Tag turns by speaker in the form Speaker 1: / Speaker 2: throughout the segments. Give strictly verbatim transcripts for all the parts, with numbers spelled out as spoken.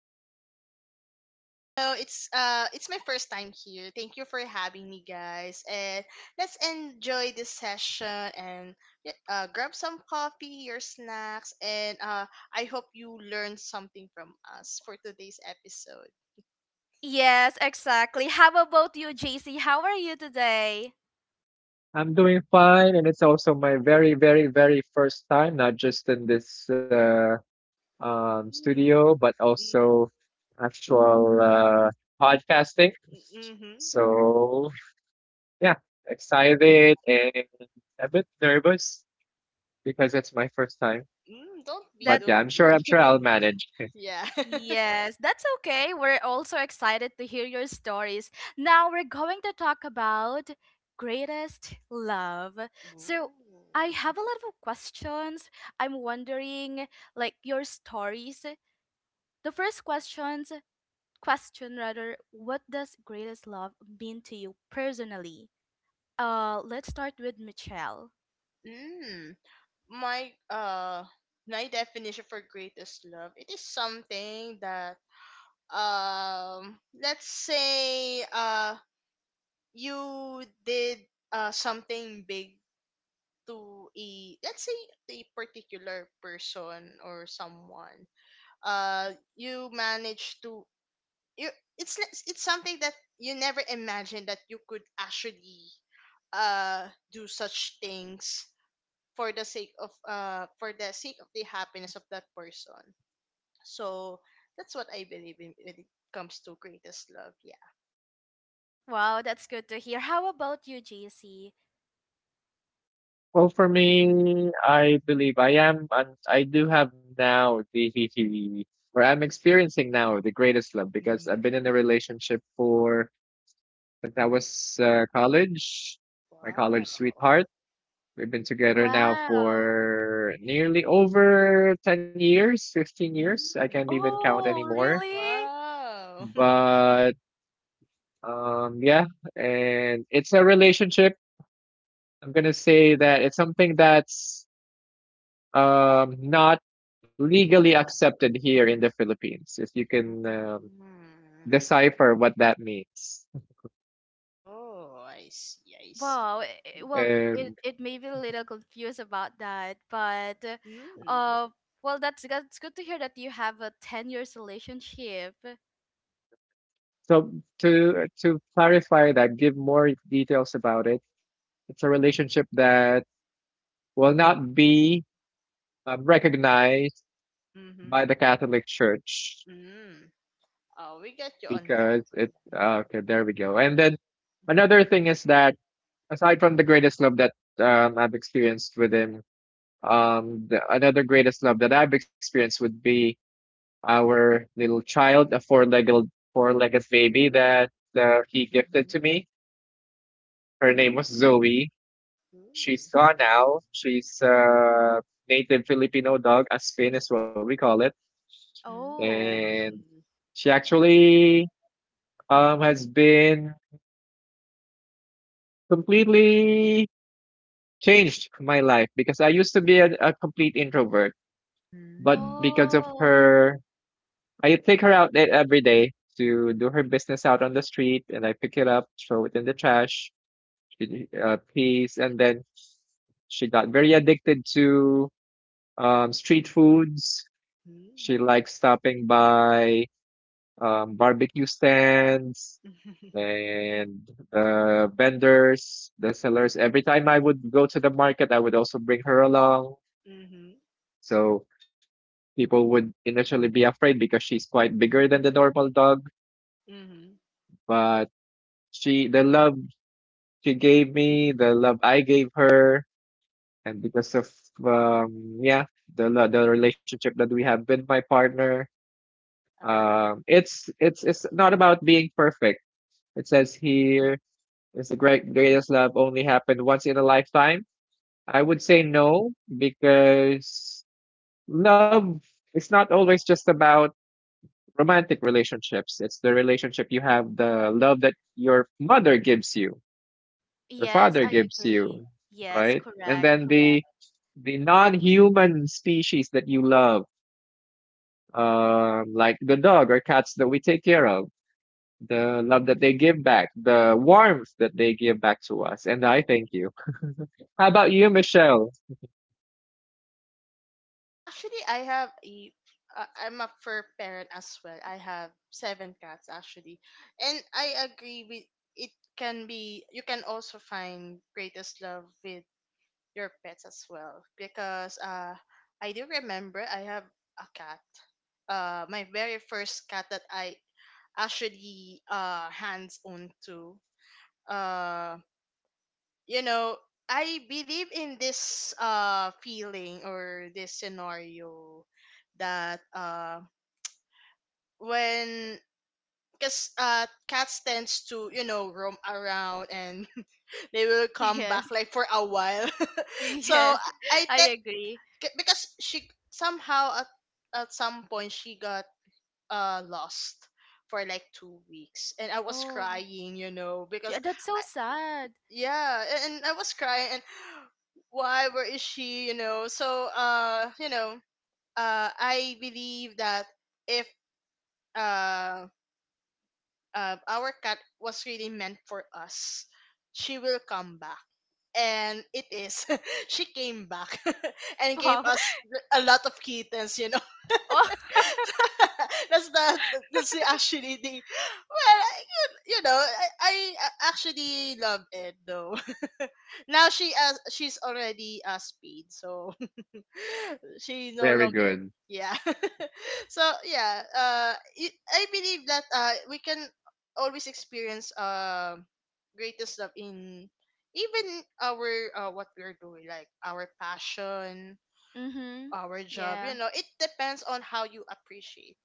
Speaker 1: Hola,
Speaker 2: Hello, it's uh it's my first time here. Thank you for having me guys. And let's enjoy this session and y- uh grab some coffee, your snacks and uh I hope you learned something from us for today's episode.
Speaker 3: Yes, exactly. How about you, J C? How are you today?
Speaker 1: I'm doing fine, and it's also my very, very, very first time, not just in this uh, um,
Speaker 2: Mm,
Speaker 1: studio, but
Speaker 2: mm-hmm,
Speaker 1: also actual uh, podcasting.
Speaker 2: mm-hmm,
Speaker 1: So, yeah, excited and a bit nervous because it's my first time.
Speaker 2: mm, don't be,
Speaker 1: But
Speaker 3: That
Speaker 2: don't
Speaker 1: yeah, I'm sure,
Speaker 2: be.
Speaker 1: I'm sure I'll manage.
Speaker 2: Yeah.
Speaker 3: Yes, that's okay. We're also excited to hear your stories. Now we're going to talk about greatest love.
Speaker 2: Ooh.
Speaker 3: So, I have a lot of questions. I'm wondering like your stories. The first questions question rather, what does greatest love mean to you personally? Uh, let's start with Michelle.
Speaker 2: Mm. my uh my definition for greatest love, it is something that um let's say uh you did uh something big to a, let's say, a particular person or someone, uh you managed to you it's it's something that you never imagined that you could actually uh do such things for the sake of uh for the sake of the happiness of that person. So that's what I believe in when it comes to greatest love. Yeah.
Speaker 3: Wow, that's good to hear. How about you, J C?
Speaker 1: Well, for me, I believe I am, and I do have now the, or I'm experiencing now the greatest love because
Speaker 2: Mm,
Speaker 1: I've been in a relationship for, since I was uh, college, my college
Speaker 2: wow.
Speaker 1: sweetheart. We've been together now
Speaker 3: Wow.
Speaker 1: for nearly over 10 years, 15 years. I can't
Speaker 2: Mm,
Speaker 1: even count
Speaker 3: Oh,
Speaker 1: anymore.
Speaker 3: really?
Speaker 2: wow.
Speaker 1: But um, yeah, and it's a relationship. I'm gonna say that it's something that's um, not legally accepted here in the Philippines, if you can um,
Speaker 2: Mm.
Speaker 1: decipher what that means.
Speaker 2: Oh, I see. I
Speaker 3: Wow.
Speaker 2: see.
Speaker 3: eh, Well, it,
Speaker 1: And
Speaker 3: it may be a little confused about that, but uh,
Speaker 2: Mm.
Speaker 3: uh, well, that's that's good to hear that you have a ten years relationship.
Speaker 1: so to to clarify that, give more details about it. It's a relationship that will not be um, recognized by the
Speaker 2: Mm-hmm.
Speaker 1: Catholic Church
Speaker 2: Mm. Oh, we got you on
Speaker 1: because
Speaker 2: that.
Speaker 1: it.
Speaker 2: Yeah.
Speaker 1: uh, Okay, there we go. And then another thing is that aside from the greatest love that um, I've experienced with him, Um, the, another greatest love that I've experienced would be our little child, a four-legged four-legged baby that uh, he gifted
Speaker 2: Mhm.
Speaker 1: to me. Her name was Zoe.
Speaker 2: Mm.
Speaker 1: She's gone now. She's a native Filipino dog, Aspin is what we call it,
Speaker 3: Oh.
Speaker 1: and
Speaker 2: Mm.
Speaker 1: she actually um has been completely changed my life because I used to be a, a complete introvert, but
Speaker 2: Mm.
Speaker 1: because of
Speaker 3: Oh.
Speaker 1: her I take her out e- every day to do her business out on the street, and I pick it up, throw it in the trash, she- uh, peas, and then she got very addicted to um, street foods. She
Speaker 2: Mm.
Speaker 1: likes stopping by um, barbecue stands and the vendors, the sellers. Every time I would go to the market, I would also bring her along.
Speaker 2: Mm-hmm.
Speaker 1: So people would initially be afraid because she's quite bigger than the normal dog,
Speaker 2: Mm-hmm.
Speaker 1: but She, the love she gave me, the love I gave her, and because of um, yeah, the lo- the relationship that we have with my partner,
Speaker 2: Uh-huh.
Speaker 1: um, it's it's it's not about being perfect. It says here, is the great greatest love only happened once in a lifetime? I would say no because love is not always just about romantic relationships. It's the relationship you have, the love that your mother gives you, your
Speaker 3: Yes,
Speaker 1: father
Speaker 3: I
Speaker 1: gives
Speaker 3: agree.
Speaker 1: you,
Speaker 3: Yes,
Speaker 1: right? And
Speaker 3: correct,
Speaker 1: then
Speaker 3: correct.
Speaker 1: the the non-human species that you love, uh, like the dog or cats that we take care of, the love that they give back, the warmth that they give back to us, and I thank you. How about you, Michelle?
Speaker 2: Actually, I have a. Uh, I'm a fur parent as well. I have seven cats actually, and I agree with it. Can be, you can also find greatest love with your pets as well because uh, I do remember I have a cat. Uh, my very first cat that I actually uh hands on to uh you know, I believe in this uh feeling or this scenario that uh when because uh cats tends to, you know, roam around and they will come back
Speaker 3: Yes.
Speaker 2: like for a while, so
Speaker 3: Yes,
Speaker 2: I
Speaker 3: I
Speaker 2: think
Speaker 3: agree.
Speaker 2: because she somehow at, at some point she got uh lost for like two weeks and I was
Speaker 3: Oh.
Speaker 2: crying, you know, because
Speaker 3: Yeah, that's so sad.
Speaker 2: yeah, a- and I was crying and why, where is she, you know? So uh you know uh I believe that if uh, uh our cat was really meant for us, she will come back. And it is, she came back and gave
Speaker 3: Wow.
Speaker 2: us a lot of kittens, you know.
Speaker 3: Oh.
Speaker 2: That's the the- that's the si, actually the, well I- you, you know, I, I a- actually love it though. Now she uh, she's already uh speed so she no
Speaker 1: Very
Speaker 2: longer,
Speaker 1: good.
Speaker 2: yeah. So yeah, uh it, I believe that uh we can always experience um greatest love in even our uh what we're doing, like our passion,
Speaker 3: Mhm.
Speaker 2: our job, you
Speaker 3: Yeah.
Speaker 2: know, it depends on how you appreciate.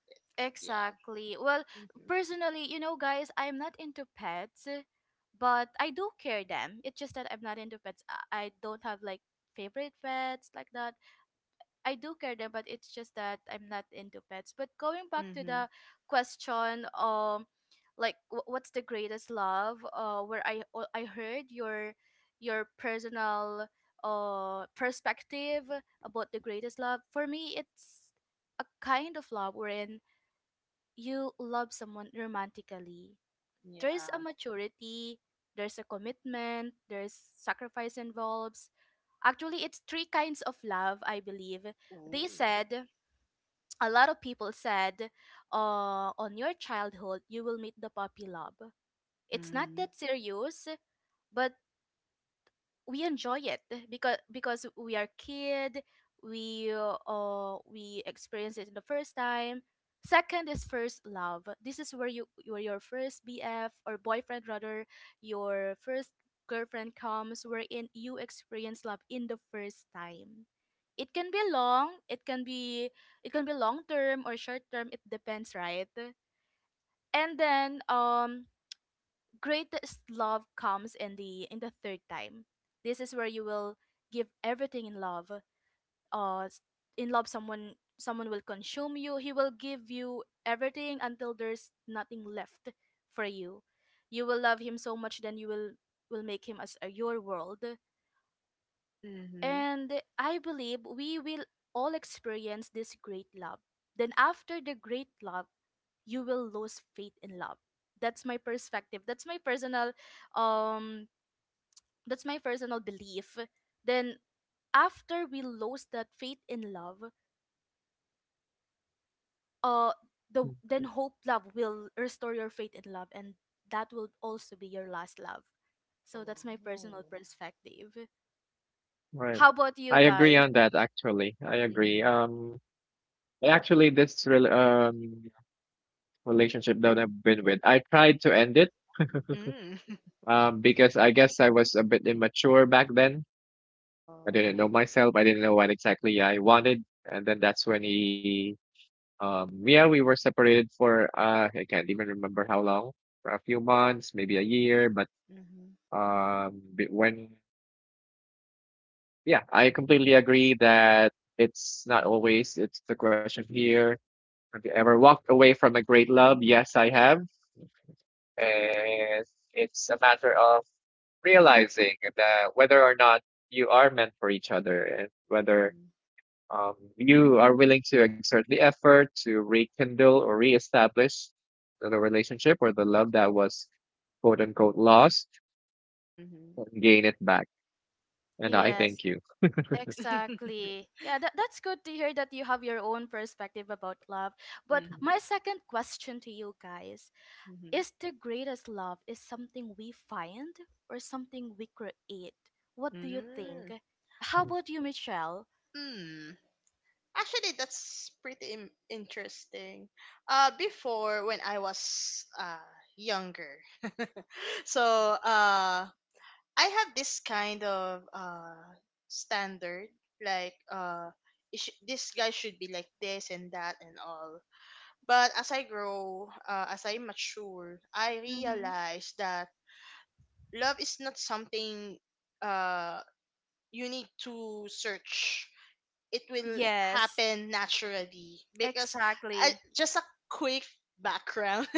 Speaker 2: Yeah.
Speaker 3: Exactly. Well,
Speaker 2: Mhm.
Speaker 3: personally, you know, guys, I'm not into pets, but I do care them. It's just that I'm not into pets. I I don't have like favorite pets like that. I do care them, but it's just that I'm not into pets. But going back to
Speaker 2: Mhm.
Speaker 3: the question, um, like wh- what's the greatest love? Uh, where I o- I heard your your personal uh perspective about the greatest love. For me, it's a kind of love wherein you love someone romantically, there's a
Speaker 2: Yeah.
Speaker 3: maturity, there's a commitment, there's sacrifice involves. Actually, it's three kinds of love, I believe.
Speaker 2: Ooh.
Speaker 3: They said, a lot of people said, uh, on your childhood, you will meet the puppy love. It's not
Speaker 2: Mhm.
Speaker 3: that serious, but we enjoy it because because we are kid, we uh uh, we experience it the first time. Second is first love. This is where you where your first bf, or boyfriend rather, your first girlfriend comes, wherein you experience love in the first time. It can be long, it can be it can be long term or short term. It depends, right? And then um greatest love comes in the in the third time. This is where you will give everything in love. Uh, s- in love, someone someone will consume you. He will give you everything until there's nothing left for you. You will love him so much, then you will will make him as uh, your world.
Speaker 2: Mhm.
Speaker 3: And I believe we will all experience this great love. Then after the great love, you will lose faith in love. That's my perspective. That's my personal um that's my personal belief. Then after we lose that faith in love, uh
Speaker 1: Mm.
Speaker 3: the then hope love will restore your faith in love, and that will also be your last love. So that's my personal
Speaker 2: Oh.
Speaker 3: perspective.
Speaker 1: Right.
Speaker 3: How about you
Speaker 1: I agree
Speaker 3: guys?
Speaker 1: on that, actually. I agree.
Speaker 2: Mhm.
Speaker 1: Um, actually, this rel um relationship that I've been with, I tried to end it,
Speaker 2: Mm.
Speaker 1: um, because I guess I was a bit immature back then. I
Speaker 2: Oh.
Speaker 1: didn't know myself. I didn't know what exactly I wanted. And then that's when he, um, yeah, we were separated for, uh, I can't even remember how long, for a few months, maybe a year. But
Speaker 2: Mhm.
Speaker 1: um, b- when, yeah, I completely agree that it's not always, it's the question here. Have you ever walked away from a great love? Yes, I have. And it's a matter of realizing that whether or not you are meant for each other and whether
Speaker 2: Mhm.
Speaker 1: um, you are willing to exert the effort to rekindle or reestablish the relationship or the love that was quote unquote lost
Speaker 2: Mhm.
Speaker 1: and gain it back. And I
Speaker 2: Mhm. Mhm.
Speaker 3: Yes,
Speaker 1: thank you.
Speaker 2: Mhm.
Speaker 3: exactly. Yeah, that, that's good to hear that you have your own perspective about love. But my second question to you guys: is the greatest love is something we find or something we create? What do you think?
Speaker 2: Mm.
Speaker 3: How
Speaker 1: Mm.
Speaker 3: about you, Michelle?
Speaker 2: Mm. Actually, that's pretty im interesting. Uh, before when I was uh younger, so uh I have this kind of uh standard, like uh it sh- this guy should be like this and that and all. But as I grow, uh, as I mature, I
Speaker 3: Mm-hmm.
Speaker 2: realize that love is not something uh you need to search, it will
Speaker 3: Yes,
Speaker 2: happen naturally because I,
Speaker 3: exactly.
Speaker 2: just a quick background.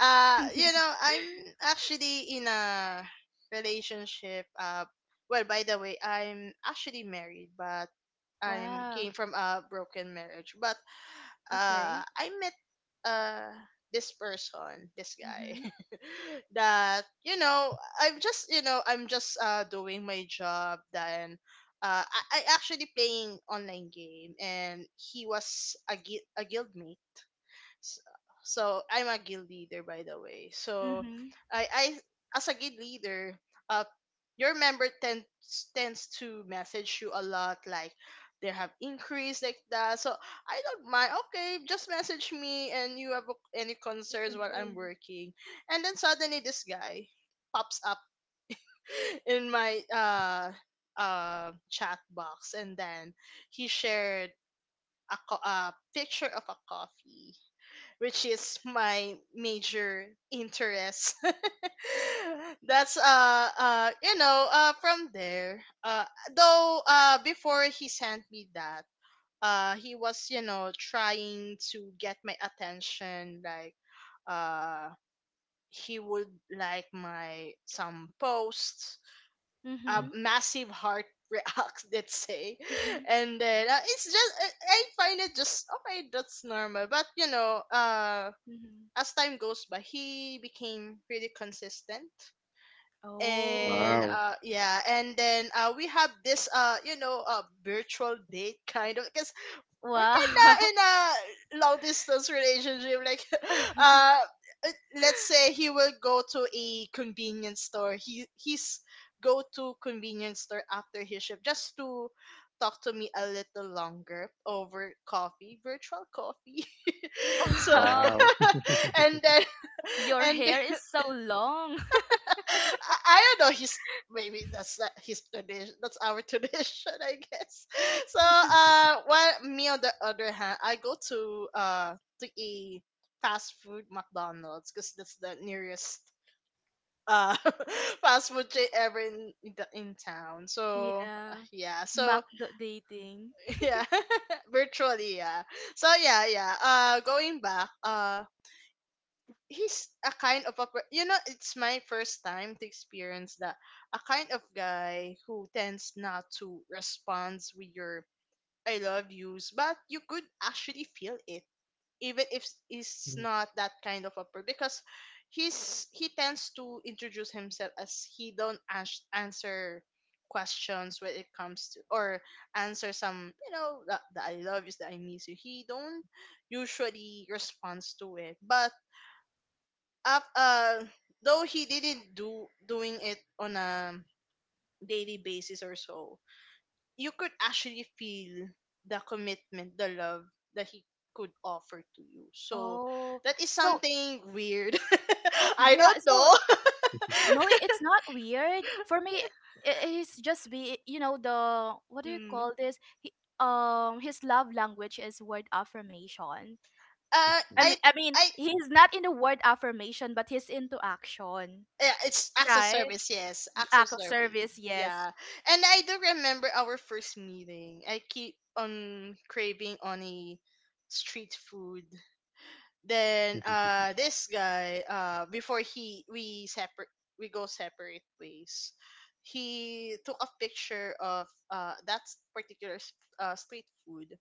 Speaker 2: uh You know, I'm actually in a relationship uh well, by the way, I'm actually married, but I'm
Speaker 3: Wow.
Speaker 2: came from a broken marriage. But uh
Speaker 3: Okay.
Speaker 2: I met uh this person, this guy,
Speaker 3: Mm-hmm.
Speaker 2: that, you know, I'm just, you know, I'm just uh doing my job. Then uh I, I actually playing online game and he was a, gui- a guildmate. S- So I'm a guild leader, by the way. So
Speaker 3: Mm-hmm.
Speaker 2: I, I as a guild leader, uh, your member tends tends to message you a lot, like they have increase like that. So I don't mind. Okay, just message me, and you have any concerns while I'm working. And then suddenly this guy pops up in my uh uh chat box, and then he shared a, co- a picture of a coffee, which is my major interest. That's uh uh you know uh from there, uh though uh before he sent me that, uh he was, you know, trying to get my attention. Like uh he would like my some posts, a
Speaker 3: Mm-hmm.
Speaker 2: massive heart reacts, let's say.
Speaker 3: Mm-hmm.
Speaker 2: And then uh, it's just I, I find it just okay, that's normal. But you know uh
Speaker 3: Mm-hmm.
Speaker 2: as time goes by, he became really consistent. And
Speaker 3: Oh.
Speaker 1: Wow.
Speaker 2: uh yeah, and then uh we have this uh you know uh virtual date kind of because we're kinda
Speaker 3: Wow.
Speaker 2: in a long distance relationship. Like uh uh, let's say he will go to a convenience store. He he's go to convenience store after his shift just to talk to me a little longer over coffee, virtual coffee. So
Speaker 3: Wow.
Speaker 1: Wow.
Speaker 2: and then
Speaker 3: Your
Speaker 2: and
Speaker 3: hair is so long.
Speaker 2: I, I don't know. He's, maybe that's not his tradition. That's our tradition, I guess. So, uh, well, me on the other hand, I go to uh to a fast food McDonald's because that's the nearest uh fast food chain ever in in, the, in town. So uh,
Speaker 3: Yeah.
Speaker 2: yeah, so
Speaker 3: Macdo dating.
Speaker 2: yeah, virtually, yeah. So yeah, yeah. Uh, going back. Uh, he's a kind of a per- you know, it's my first time to experience that, a kind of guy who tends not to respond with your I love yous, but you could actually feel it, even if
Speaker 1: Mm.
Speaker 2: it's not that kind of a person because he's he tends to introduce himself as he don't ans- answer questions when it comes to, or answer some, you know, the, the I love yous that I miss you, he don't usually responds to it. But af- uh, though he didn't do doing it on a daily basis or so, you could actually feel the commitment, the love that he could offer to you. So
Speaker 3: Oh.
Speaker 2: that is
Speaker 3: So
Speaker 2: something weird. I
Speaker 3: yeah,
Speaker 2: don't
Speaker 3: so
Speaker 2: know.
Speaker 3: No, it's not weird. For me, i- he's just be you know the what do you
Speaker 2: Mm.
Speaker 3: call this? He, um, his love language is word affirmation.
Speaker 2: Uh,
Speaker 3: I
Speaker 2: I,
Speaker 3: mean, I mean,
Speaker 2: I,
Speaker 3: he's not into word affirmation, but he's into action,
Speaker 2: yeah, it's acts of
Speaker 3: right?
Speaker 2: service. Yes,
Speaker 3: Y-
Speaker 2: acts of
Speaker 3: Act of
Speaker 2: service.
Speaker 3: service, yes.
Speaker 2: Yeah, and I do remember our first meeting. I keep on craving on a street food. Then uh this guy, uh before he we separate, we go separate ways, he took a picture of uh that s- particular s- uh, street food.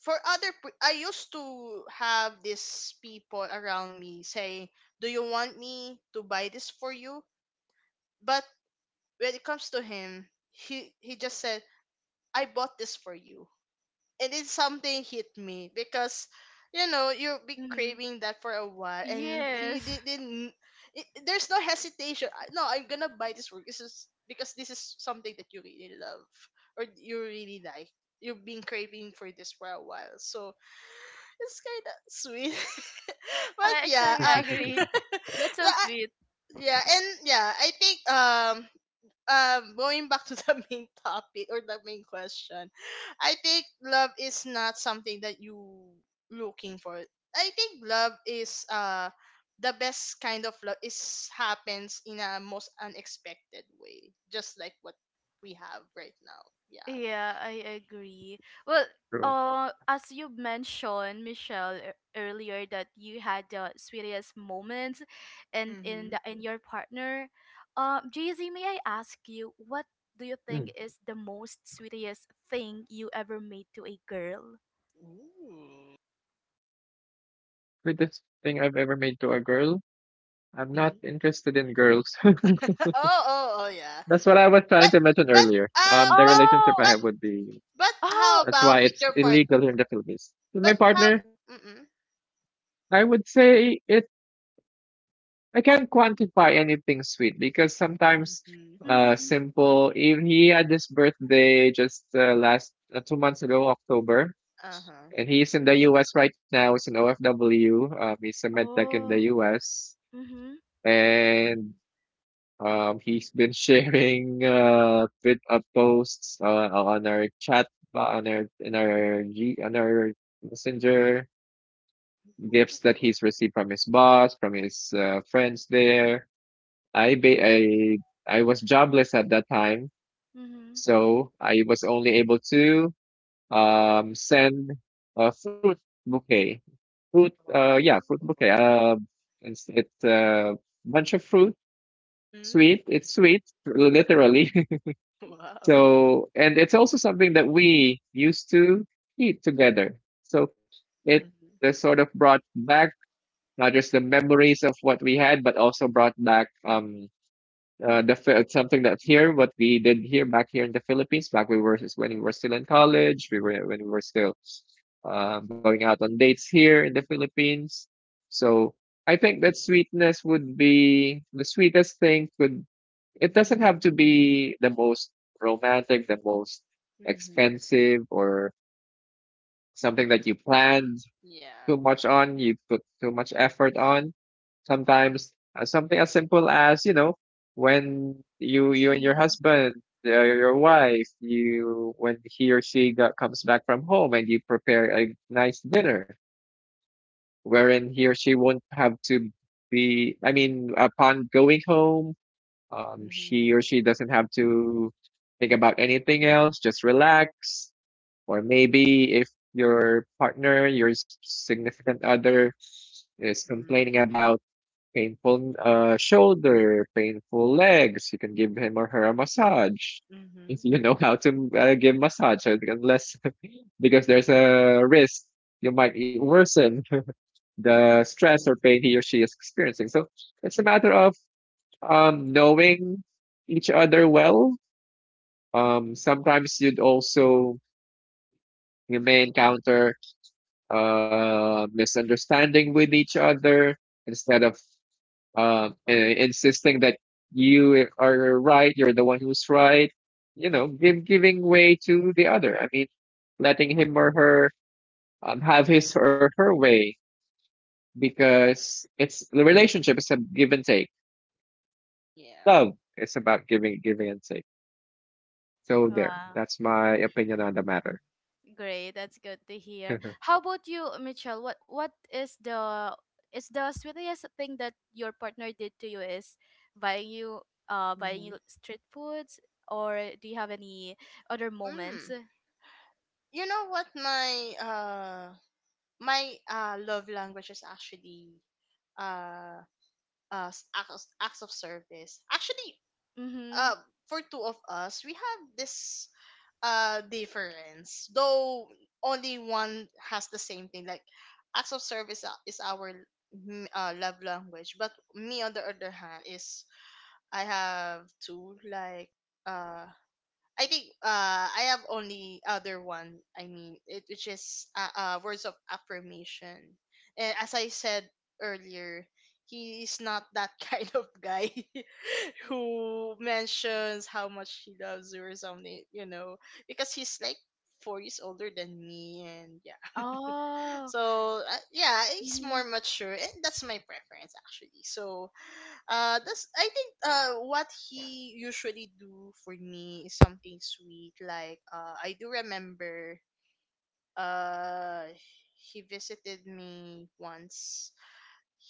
Speaker 2: For other p- I used to have these people around me saying, do you want me to buy this for you? But when it comes to him, he he just said, I bought this for you. And it is something hit me because you know, you'll be
Speaker 3: Mm-hmm.
Speaker 2: craving that for a while and he
Speaker 3: Yes.
Speaker 2: di- didn't, it, there's no hesitation. I- no, I'm gonna buy this work, this is because this is something that you really love or you really like, you've been craving for this for a while. So it's kind of sweet. But
Speaker 3: Yeah,
Speaker 2: yeah
Speaker 3: exactly. I
Speaker 2: uh,
Speaker 3: agree. That's so
Speaker 2: I,
Speaker 3: sweet.
Speaker 2: yeah. And yeah, I think um um going back to the main topic or the main question, I think love is not something that you looking for. I think love is uh the best kind of love is happens in a most unexpected way, just like what we have right now, yeah.
Speaker 3: Yeah, I agree. Well,
Speaker 1: True.
Speaker 3: uh, as you mentioned, Michelle, e- earlier that you had the sweetest moments, and in
Speaker 2: Hmm.
Speaker 3: the in your partner, um, J Z, may I ask you what do you
Speaker 1: Mm.
Speaker 3: think is the most sweetest thing you ever made to a girl?
Speaker 2: Ooh.
Speaker 1: Greatest thing I've ever made to a girl. I'm not
Speaker 2: Mhm.
Speaker 1: interested in girls.
Speaker 2: Oh, oh, oh, yeah.
Speaker 1: That's what I was trying
Speaker 2: but
Speaker 1: to mention
Speaker 2: but
Speaker 1: earlier.
Speaker 2: um
Speaker 1: Um, the
Speaker 2: but
Speaker 1: relationship
Speaker 3: Oh,
Speaker 1: I
Speaker 2: but
Speaker 1: have would be
Speaker 2: but how
Speaker 3: oh,
Speaker 1: that's
Speaker 2: about
Speaker 1: why
Speaker 2: with
Speaker 1: it's
Speaker 2: your part?
Speaker 1: illegal here in the Philippines. With my
Speaker 2: But how?
Speaker 1: partner,
Speaker 2: Mm-mm.
Speaker 1: I would say it I can't quantify anything sweet because sometimes
Speaker 2: Mm-hmm.
Speaker 1: uh
Speaker 3: mm-hmm.
Speaker 1: simple even he had his birthday just uh, last uh, two months ago, October.
Speaker 2: Uh huh.
Speaker 1: And he's in the U S right now, he's an O F W. Um, he's a med tech in the
Speaker 3: Oh,
Speaker 1: U S.
Speaker 3: mm-hmm,
Speaker 1: And
Speaker 2: Mm-hmm.
Speaker 1: um he's been sharing uh bit of posts uh, on our chat uh, on our in our G on our messenger gifts that he's
Speaker 2: Ooh.
Speaker 1: received from his boss, from his uh, friends there I ba- I I was jobless at that time,
Speaker 3: mm-hmm,
Speaker 1: so I was only able to um send a fruit bouquet, fruit uh yeah fruit bouquet
Speaker 2: Oh.
Speaker 1: uh it's it's a bunch of fruit
Speaker 2: Mm.
Speaker 1: sweet it's sweet literally
Speaker 2: Wow.
Speaker 1: so and it's also something that we used to eat together so it
Speaker 2: Mm-hmm.
Speaker 1: uh, sort of brought back not just the memories of what we had but also brought back um uh, the, Fi- something that here what we did here back here in the Philippines back we were when we were still in college we were when we were still uh, going out on dates here in the Philippines so I think that sweetness would be the sweetest thing could it doesn't have to be the most romantic, the most
Speaker 2: Mm-hmm.
Speaker 1: expensive, or something that you planned
Speaker 2: Yeah.
Speaker 1: too much on, you put too much effort on. Sometimes uh, something as simple as, you know, when you you and your
Speaker 3: mm-hmm.
Speaker 1: husband, uh, your wife, you when he or she got, comes back from home and you prepare a nice dinner wherein he or she won't have to be, I mean, upon going home, um,
Speaker 2: Mm-hmm.
Speaker 1: he or she doesn't have to think about anything else, just relax. Or maybe if your partner, your s- significant other is
Speaker 2: Mm.
Speaker 1: complaining about painful uh, shoulder, painful legs, you can give him or her a massage.
Speaker 2: Mm-hmm.
Speaker 1: If you know how to uh, give massage, so unless because there's a risk you might worsen the stress or pain he or she is experiencing. So it's a matter of um, knowing each other well. Um, sometimes you'd also you may encounter uh, misunderstanding with each other instead of um, and insisting that you are right, you're the one who's right, you
Speaker 2: Mm.
Speaker 1: know, give, giving way to the other. I mean, letting him or her um, have his or her way because it's the relationship is a give and take.
Speaker 2: Yeah.
Speaker 1: Love is about giving, giving and take. So there,
Speaker 3: Wow.
Speaker 1: that's my
Speaker 3: Mm.
Speaker 1: opinion on the matter.
Speaker 3: Great, that's good to hear. How about you, Mitchell? What what is the is the sweetest thing that your partner did to you? Is buying you uh buying you
Speaker 2: Mm-hmm.
Speaker 3: street foods, or do you have any other moments?
Speaker 2: Mm. You know what, my uh my uh love language is actually uh uh s- acts, acts of service. Actually,
Speaker 3: Mm-hmm.
Speaker 2: uh for two of us, we have this uh difference though, only one has the same thing, like acts of service a- is our mm, uh, love language. But me on the other hand is I have two, like uh I think uh I have only other one. I mean, it, which is uh, uh words of affirmation. And as I said earlier, he is not that kind of guy who mentions how much he loves you or something, you know, because he's like four years older than me, and yeah,
Speaker 3: Oh.
Speaker 2: so uh, yeah, it's
Speaker 3: Mm-hmm.
Speaker 2: more mature, and that's my preference actually. So uh, that's I think uh, what he usually do for me is something sweet. Like uh, I do remember uh, he visited me once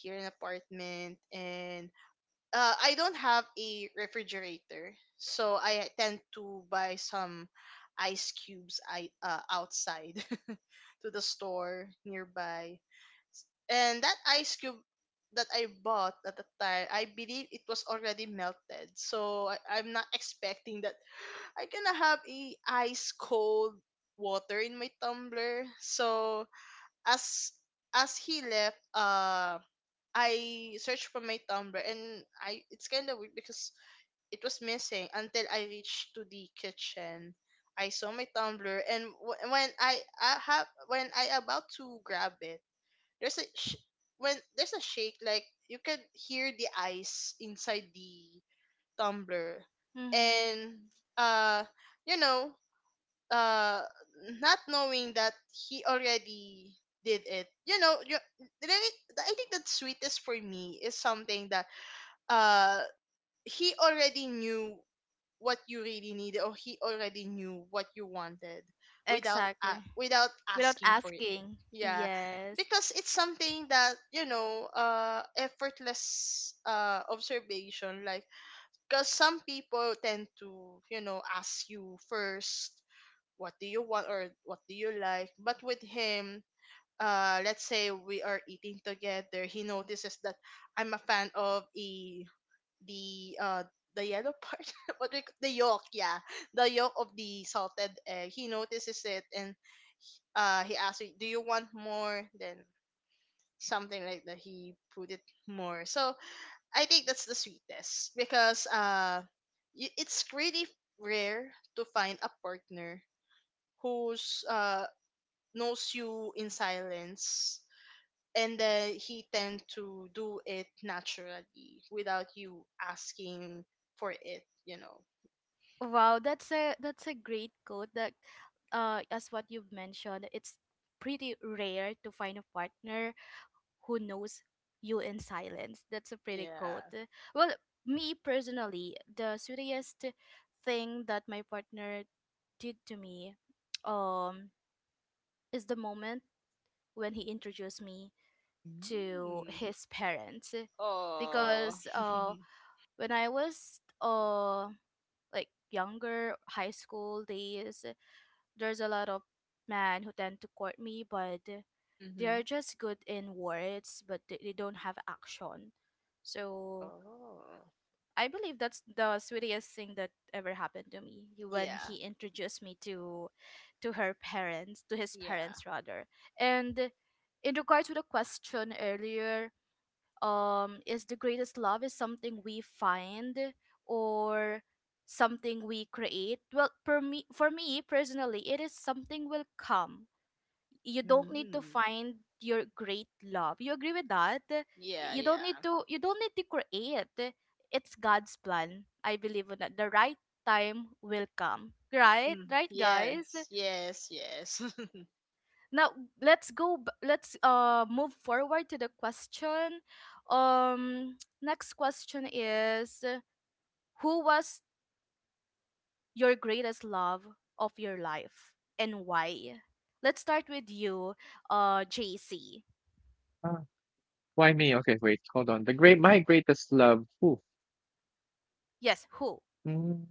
Speaker 2: here in apartment, and uh, I don't have a refrigerator, so I tend to buy some ice cubes I uh, outside to the store nearby. And that ice cube that I bought at the time, I believe it was already melted. So I, I'm not expecting that i gonna have a ice cold water in my tumbler. So as as he left, uh, I searched for my tumbler and I, it's kind of weird because it was missing until I reached to the kitchen. I saw my tumbler and w- when I, I have when I about to grab it, there's a sh- when there's a shake. Like you can hear the ice inside the tumbler.
Speaker 3: Mm-hmm.
Speaker 2: And uh you know uh not knowing that he already did it you know you, Really, I think that sweetest for me is something that uh he already knew what you really needed, or he already knew what you wanted without a
Speaker 3: Exactly.
Speaker 2: without
Speaker 3: Without
Speaker 2: asking for it.
Speaker 3: asking.
Speaker 2: Yeah,
Speaker 3: Yes.
Speaker 2: because it's something that, you know, uh effortless, uh observation. Like because some people tend to, you know, ask you first what do you want or what do you like. But with him, uh let's say we are eating together, he notices that I'm a fan of a the uh the yellow part what we, c- the yolk. Yeah, the yolk of the salted egg. He notices it and uh he asks me, do you want more? Then something like that, he put it more. So I think that's the sweetest because uh y- it's really rare to find a partner who's uh knows you in silence. And then he tend to do it naturally without you asking for it you know
Speaker 3: Wow, that's a that's a great quote that uh as what you've mentioned, it's pretty rare to find a partner who knows you in silence. That's a pretty
Speaker 2: Yeah.
Speaker 3: quote. Well, me personally, the sweetest thing that my partner did to me um is the moment when he introduced me to
Speaker 2: Mm.
Speaker 3: his parents
Speaker 2: Oh.
Speaker 3: because uh when I was uh like younger high school days, there's a lot of men who tend to court me, but they are
Speaker 2: Mhm.
Speaker 3: just good in words, but they, they don't have action. So
Speaker 2: Oh.
Speaker 3: I believe that's the sweetest thing that ever happened to me when
Speaker 2: Yeah.
Speaker 3: he introduced me to to her parents, to his
Speaker 2: Yeah.
Speaker 3: parents rather. And in regards to the question earlier, um, is the greatest love is something we find or something we create. Well, for me, for me personally, it is something will come. You don't need to
Speaker 2: Mm.
Speaker 3: find your great love. You agree with that?
Speaker 2: Yeah,
Speaker 3: You don't
Speaker 2: yeah.
Speaker 3: need to. You don't need to create. It's God's plan. I believe in that. The right time will come. Right,
Speaker 2: Mm.
Speaker 3: right, guys,
Speaker 2: Yes, yes, yes.
Speaker 3: now let's go b- let's uh move forward to the question. Um next question is, uh, who was your greatest love of your life and why? Let's start with you, uh JC.
Speaker 1: Ah, why me? Okay, wait, hold on. The great, my greatest love. Ooh.
Speaker 3: Yes, who?
Speaker 1: Mm,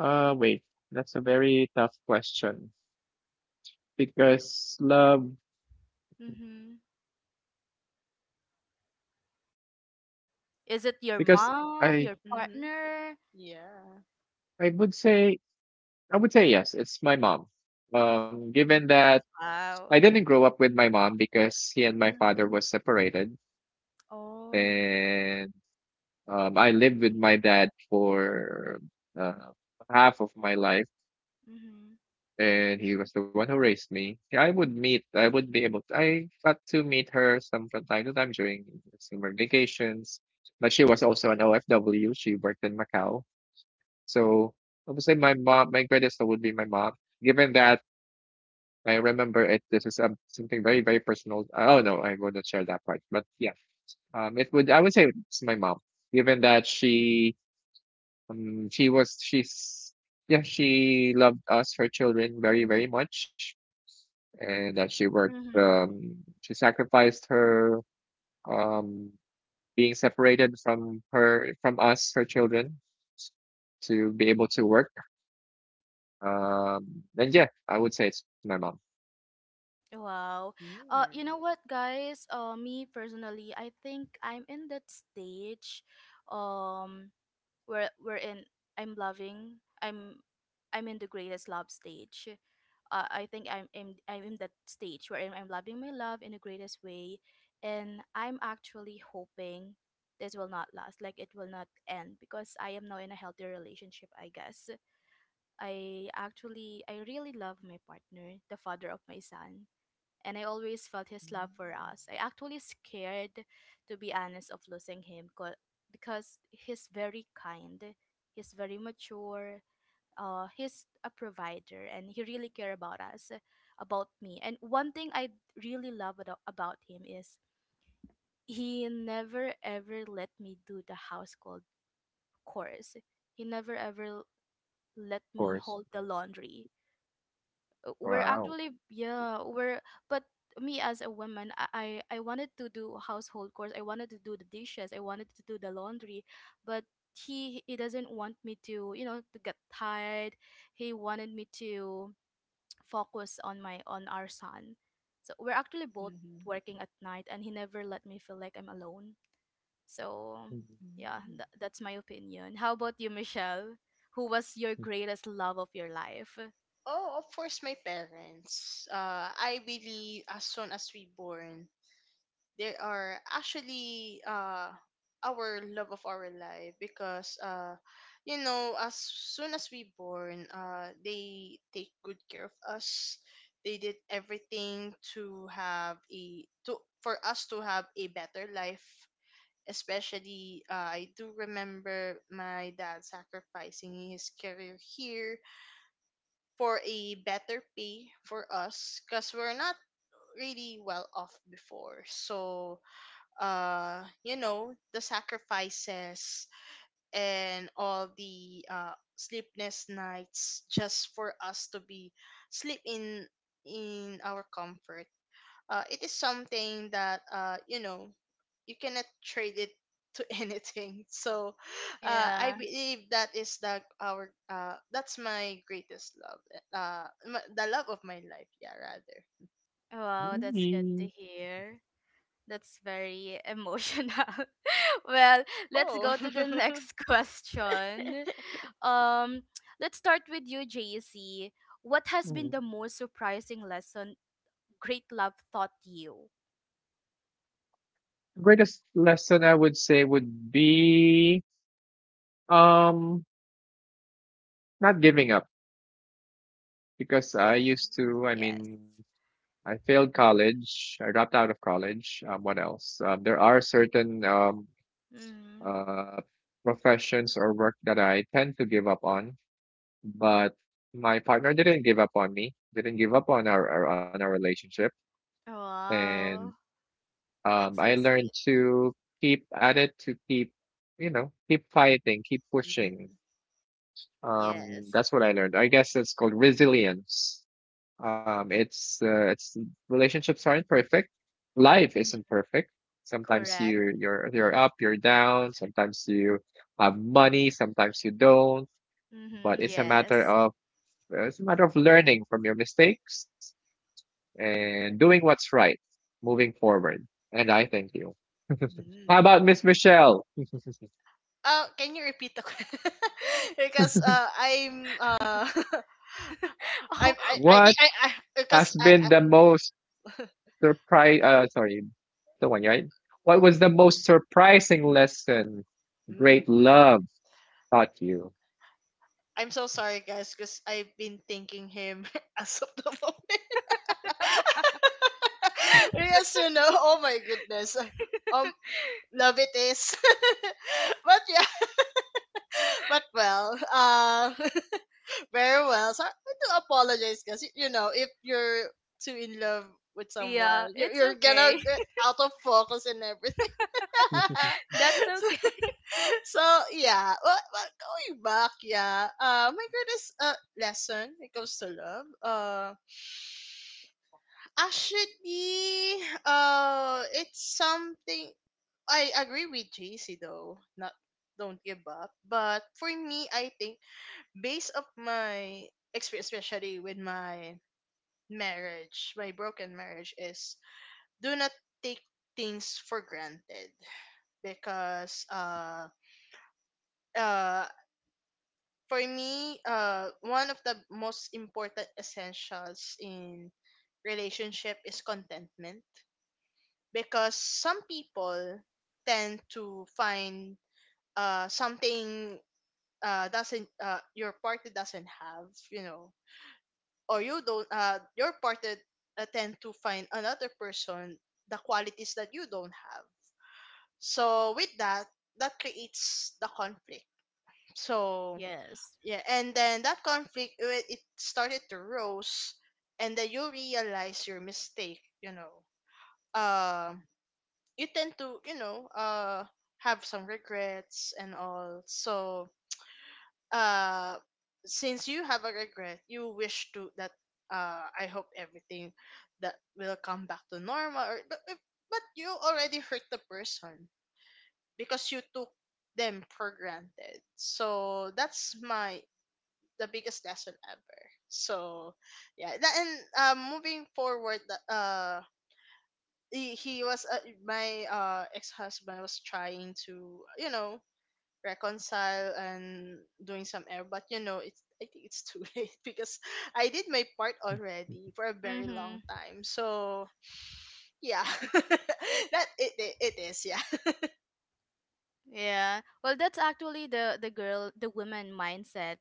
Speaker 1: uh, wait, that's a very tough question because love
Speaker 3: Mm-hmm. Is it your
Speaker 2: Mm.
Speaker 1: because
Speaker 3: mom,
Speaker 1: I
Speaker 3: your
Speaker 2: Mhm.
Speaker 3: partner?
Speaker 2: Yeah.
Speaker 1: I would say, I would say yes, it's my mom. Um, given that I
Speaker 3: Wow.
Speaker 1: didn't grow up with my mom because he and my father
Speaker 3: Mhm.
Speaker 1: was separated,
Speaker 3: Oh.
Speaker 1: and um, I lived with my dad for uh, half of my life,
Speaker 3: Mm-hmm.
Speaker 1: and he was the one who raised me. Yeah, I would meet, I would be able, I got to meet her some from time to time during summer vacations. But she was also an O F W. She worked in Macau. So obviously, my mom, my greatest thought would be my mom. Given that I remember it, this is um, something very, very personal. Oh no, I wouldn't share that part. But yeah, um, it would. I would say it's my mom. Given that she, um, she was, she's, yeah, she loved us, her children, very, very much, and that she worked.
Speaker 3: Mm-hmm.
Speaker 1: Um, she sacrificed her, um, being separated from her, from us, her children, to be able to work. Um, and yeah, I would say it's my mom, of
Speaker 3: Wow. Uh,
Speaker 2: Mm.
Speaker 3: you know what, guys? Uh, me personally, I think I'm in that stage, um, where we're in. I'm loving. I'm, I'm in the greatest love stage. Uh, I think I'm in. I'm in that stage where I'm, I'm loving my love in the greatest way, and I'm actually hoping this will not last. Like it will not end because I am now in a healthy relationship. I guess I actually, I really love my partner, the father of my son, and I always felt his love for us. I actually scared, to be honest, of losing him 'cause- because he's very kind, he's very mature, uh, he's a provider, and he really care about us, about me. And one thing I really love ado- about him is he never ever let me do the household chores. He never ever let me
Speaker 1: course.
Speaker 3: hold the laundry. uh, we're
Speaker 1: Wow.
Speaker 3: actually yeah we're but me as a woman, I, I I wanted to do household chores. I wanted to do the dishes. I wanted to do the laundry, but he he doesn't want me to you know to get tired. He wanted me to focus on my on our son. So we're actually both
Speaker 2: Mm-hmm.
Speaker 3: working at night, and he never let me feel like I'm alone. So yeah,
Speaker 2: Mm.
Speaker 3: tha- that's my opinion. How about you, Michelle? Who was your greatest love of your life?
Speaker 2: Oh, of course, my parents. Uh, I believe as soon as we born, they are actually uh our love of our life. Because uh you know, as soon as we born, uh they take good care of us. They did everything to have a to for us to have a better life. Especially uh, I do remember my dad sacrificing his career here for a better pay for us because we're not really well off before. So uh you know, the sacrifices and all the uh sleepless nights just for us to be sleep in in our comfort, uh it is something that, uh you know, you cannot trade it to anything. So uh I
Speaker 3: Yeah.
Speaker 2: believe that is the our uh that's my greatest love. Uh my, the love of my life, yeah, rather.
Speaker 3: Wow, that's good
Speaker 1: Mhm.
Speaker 3: to hear. That's very emotional. Well, let's
Speaker 2: Oh.
Speaker 3: go to the next question. Um, let's start with you, J C. What has been
Speaker 1: Mhm.
Speaker 3: the most surprising lesson great love taught you?
Speaker 1: Greatest lesson I would say would be um not giving up because I used to, I
Speaker 3: Yes.
Speaker 1: mean, I failed college, I dropped out of college. Um, what else? Um, there are certain um
Speaker 3: Mm-hmm.
Speaker 1: uh professions or work that I tend to give up on, but my partner didn't give up on me, didn't give up on our, our on our relationship, and
Speaker 3: Wow,
Speaker 1: um,
Speaker 3: that's
Speaker 1: I
Speaker 3: so
Speaker 1: learned
Speaker 3: sweet.
Speaker 1: to keep at it, to keep, you know, keep fighting, keep pushing. Um,
Speaker 3: Yes.
Speaker 1: that's what I learned. I guess it's called resilience. Um, it's uh, it's relationships aren't perfect. Life isn't
Speaker 3: Mhm.
Speaker 1: perfect. Sometimes
Speaker 3: Correct.
Speaker 1: you you're you're up, you're down. Sometimes you have money, sometimes you don't. But
Speaker 3: Mm-hmm.
Speaker 1: it's a
Speaker 2: Mm-hmm.
Speaker 1: matter
Speaker 3: Yes.
Speaker 1: of it's a matter of learning from your mistakes and doing what's right, moving forward. And I thank you. How about Miss Michelle?
Speaker 2: Uh, can you repeat the question? Because uh, I'm uh, I I I think I,
Speaker 1: What
Speaker 2: I because
Speaker 1: has
Speaker 2: I,
Speaker 1: been
Speaker 2: I
Speaker 1: the most surprise? Uh, sorry, the one right. What was the most surprising lesson great
Speaker 2: mm,
Speaker 1: love taught you?
Speaker 2: I'm so sorry guys because I've been thinking him as of the moment. Because you know, oh my goodness, um, love it is. But yeah, but well, uh, very well. So I do apologize because you know, if you're too in love with
Speaker 3: Oh, yeah,
Speaker 2: someone, you're,
Speaker 3: it's
Speaker 2: you're gonna
Speaker 3: okay.
Speaker 2: get out of focus and everything.
Speaker 3: That's
Speaker 2: So,
Speaker 3: okay.
Speaker 2: so, yeah, well, well, going back, yeah, uh, my greatest uh, lesson when it comes to love, uh, actually, uh, it's something I agree with J C though, not don't give up. But for me, I think based of my experience, especially with my marriage, my broken marriage, is do not take things for granted. Because uh uh for me, uh, one of the most important essentials in relationship is contentment. Because some people tend to find uh something uh doesn't uh your partner doesn't have, you know, or you don't uh your partner uh, tend to find another person, the qualities that you don't have. So with that, that creates the conflict. So
Speaker 3: Yes.
Speaker 2: yeah, and then that conflict, it it started to rose. And then you realize your mistake, you know. Um, you tend to, you know, uh have some regrets and all. So uh since you have a regret, you wish to that uh, I hope everything that will come back to normal or, but, if- but you already hurt the person because you took them for granted. So that's my the biggest lesson ever. So, yeah, that, and um, moving forward, the- uh, he, he was uh, my uh ex husband was trying to, you know, reconcile and doing some error. But you know, it's I think it's too late because I did my part already for a very long
Speaker 3: Mm-hmm.
Speaker 2: time. So yeah, that it, it it is. Yeah.
Speaker 3: Yeah. Well, that's actually the the girl, the woman mindset,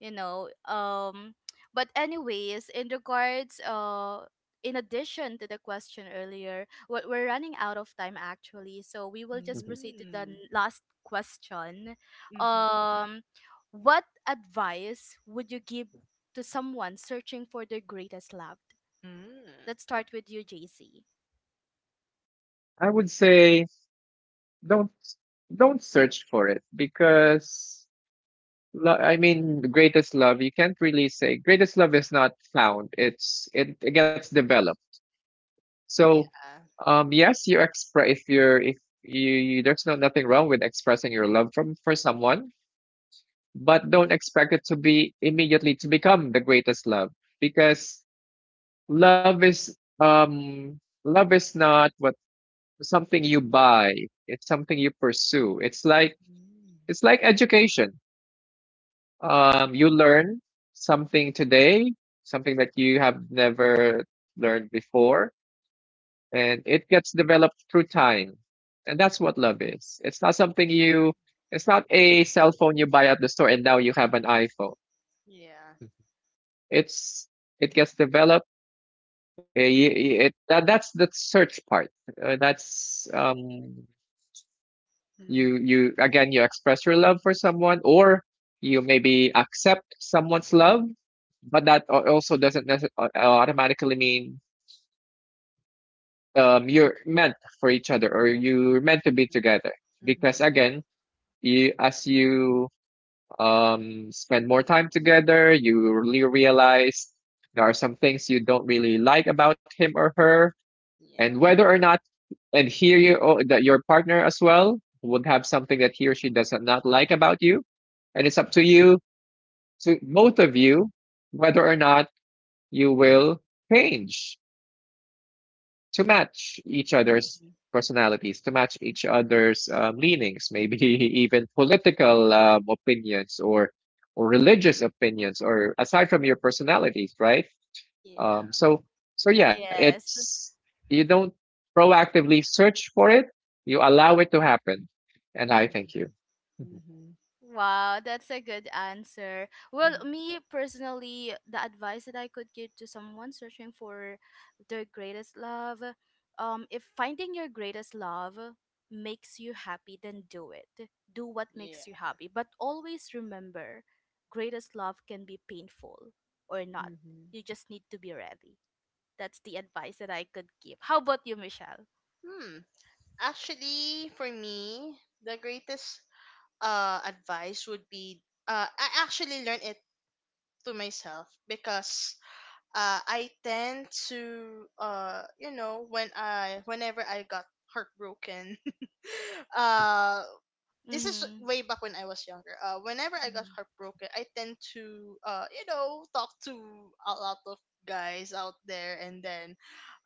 Speaker 3: you know. Um but anyways, in regards uh in addition to the question earlier, what we're running out of time actually. So we will just
Speaker 1: Mhm.
Speaker 3: proceed to the n-
Speaker 2: Mm.
Speaker 3: last question.
Speaker 2: Mm-hmm.
Speaker 3: Um what advice would you give to someone searching for their greatest love?
Speaker 2: Mm.
Speaker 3: Let's start with you, J C.
Speaker 1: I would say don't don't search for it because lo- I mean the greatest love, you can't really say greatest love is not found. It's it, it gets developed. So,
Speaker 2: Yeah.
Speaker 1: um, yes, you express if you're if you, you there's no nothing wrong with expressing your love from for someone, but don't expect it to be immediately to become the greatest love because love is um love is not what something you buy. It's something you pursue. It's like
Speaker 2: Mm.
Speaker 1: it's like education. Um, you learn something today, something that you have never learned before and it gets developed through time. And that's what love is. It's not something you, it's not a cell phone you buy at the store and now you have an iPhone.
Speaker 2: Yeah.
Speaker 1: It's, it gets developed. eh, It, that, that's the search part. Uh, that's, um,
Speaker 2: Mm-hmm.
Speaker 1: you, you, again, you express your love for someone or you maybe accept someone's love, but that al- also doesn't necess- au- automatically mean um, you're meant for each other or you're meant to be
Speaker 2: Mm-hmm.
Speaker 1: together because
Speaker 2: Mm-hmm.
Speaker 1: again you as you um spend more time together, you really realize there are some things you don't really like about him or her,
Speaker 2: Yeah.
Speaker 1: and whether or not and here you oh, that your partner as well would have something that he or she does not like about you, and it's up to you to both of you whether or not you will change to match each other's
Speaker 2: Mhm.
Speaker 1: personalities, to match each other's um, leanings, maybe even political um, opinions or or religious opinions, or aside from your personalities, right?
Speaker 2: Yeah.
Speaker 1: Um, so so yeah,
Speaker 3: Yes.
Speaker 1: it's you don't proactively search for it; you allow it to happen. And I thank
Speaker 2: Mhm.
Speaker 1: you.
Speaker 2: Mhm.
Speaker 3: Wow, that's a good answer. Well,
Speaker 2: Mhm.
Speaker 3: me personally, the advice that I could give to someone searching for their greatest love, um, if finding your greatest love makes you happy, then do it. Do what makes
Speaker 2: Yeah.
Speaker 3: you happy. But always remember, greatest love can be painful or not.
Speaker 2: Mhm.
Speaker 3: You just need to be ready. That's the advice that I could give. How about you, Michelle?
Speaker 2: Hmm. Actually, for me, the greatest uh advice would be uh, I actually learned it to myself. Because uh, I tend to uh you know, when I, whenever I got heartbroken uh, this is
Speaker 3: Mm-hmm.
Speaker 2: way back when I was younger. Uh whenever I got
Speaker 3: Mm-hmm.
Speaker 2: heartbroken, I tend to uh you know, talk to a lot of guys out there. And then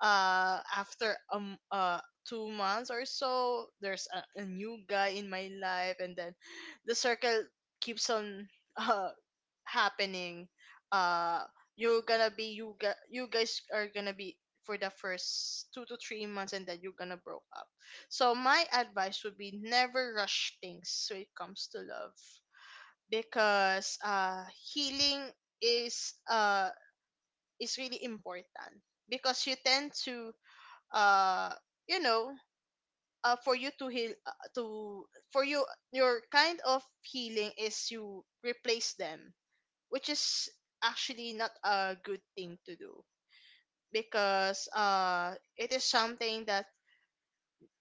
Speaker 2: uh after um uh two months or so, there's a, a new guy in my life. And then the circle keeps on uh happening. uh you're gonna be you gu- you guys are gonna be for the first two to three months and then you're gonna broke up. So my advice would be never rush things when it comes to love. Because uh healing is uh is really important. Because you tend to uh you know, uh, for you to heal uh, to for you, your kind of healing is you replace them, which is actually not a good thing to do. Because uh it is something that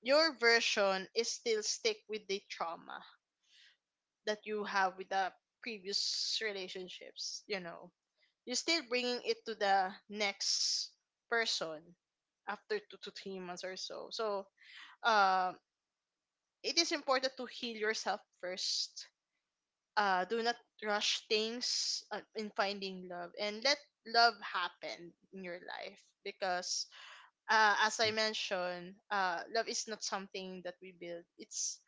Speaker 2: your version is still stick with the trauma that you have with the previous relationships, you know. You're still bringing it to the next person after two to three months or so. So uh, it is important to heal yourself first. Uh, do not rush things uh, in finding love, and let love happen in your life. Because uh, as I mentioned uh, love is not something that we build. It's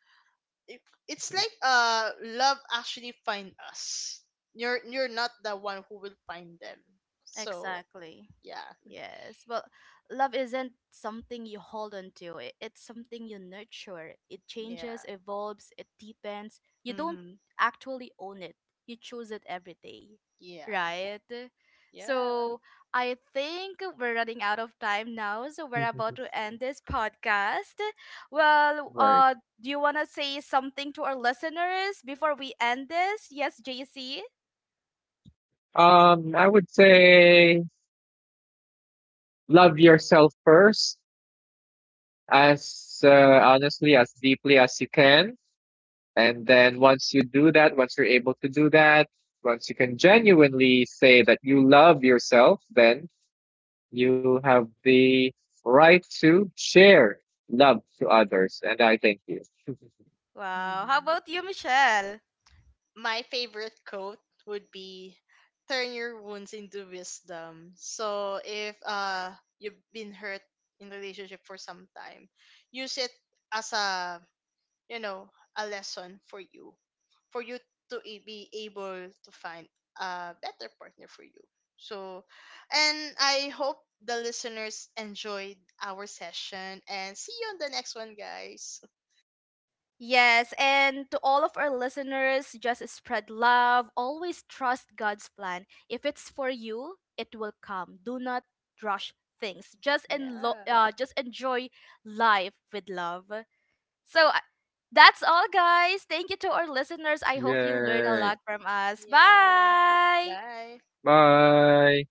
Speaker 2: it, it's like uh, love actually find us. You're you're not the one who will find them. So
Speaker 3: Exactly.
Speaker 2: yeah.
Speaker 3: Yes. Well, love isn't something you hold on to. It, it's something you nurture. It changes,
Speaker 2: Yeah.
Speaker 3: evolves, it deepens. You don't
Speaker 2: Mm-hmm.
Speaker 3: actually own it. You choose it every day.
Speaker 2: Yeah.
Speaker 3: Right?
Speaker 2: Yeah.
Speaker 3: So, I think we're running out of time now, so we're about to end this podcast. Well,
Speaker 1: Right.
Speaker 3: uh do you want to say something to our listeners before we end this? Yes, J C.
Speaker 1: Um, I would say love yourself first, as uh, honestly as deeply as you can. And then once you do that, once you're able to do that, once you can genuinely say that you love yourself, then you have the right to share love to others. And I thank you.
Speaker 3: Wow. How
Speaker 2: Hmm.
Speaker 3: about you, Michelle?
Speaker 2: My favorite quote would be, turn your wounds into wisdom. So if uh, you've been hurt in relationship for some time, use it as a, you know, a lesson for you, for you to i- be able to find a better partner for you. So, and I hope the listeners enjoyed our session, and see you on the next one, guys.
Speaker 3: Yes, and to all of our listeners, just spread love. Always trust God's plan. If it's for you, it will come. Do not rush things. Just enlo-
Speaker 2: Yeah.
Speaker 3: uh, just enjoy life with love. So uh, that's all, guys. Thank you to our listeners. I hope you learn a
Speaker 1: Yay.
Speaker 3: lot from us.
Speaker 2: Yeah.
Speaker 3: Bye.
Speaker 2: Bye.
Speaker 1: Bye.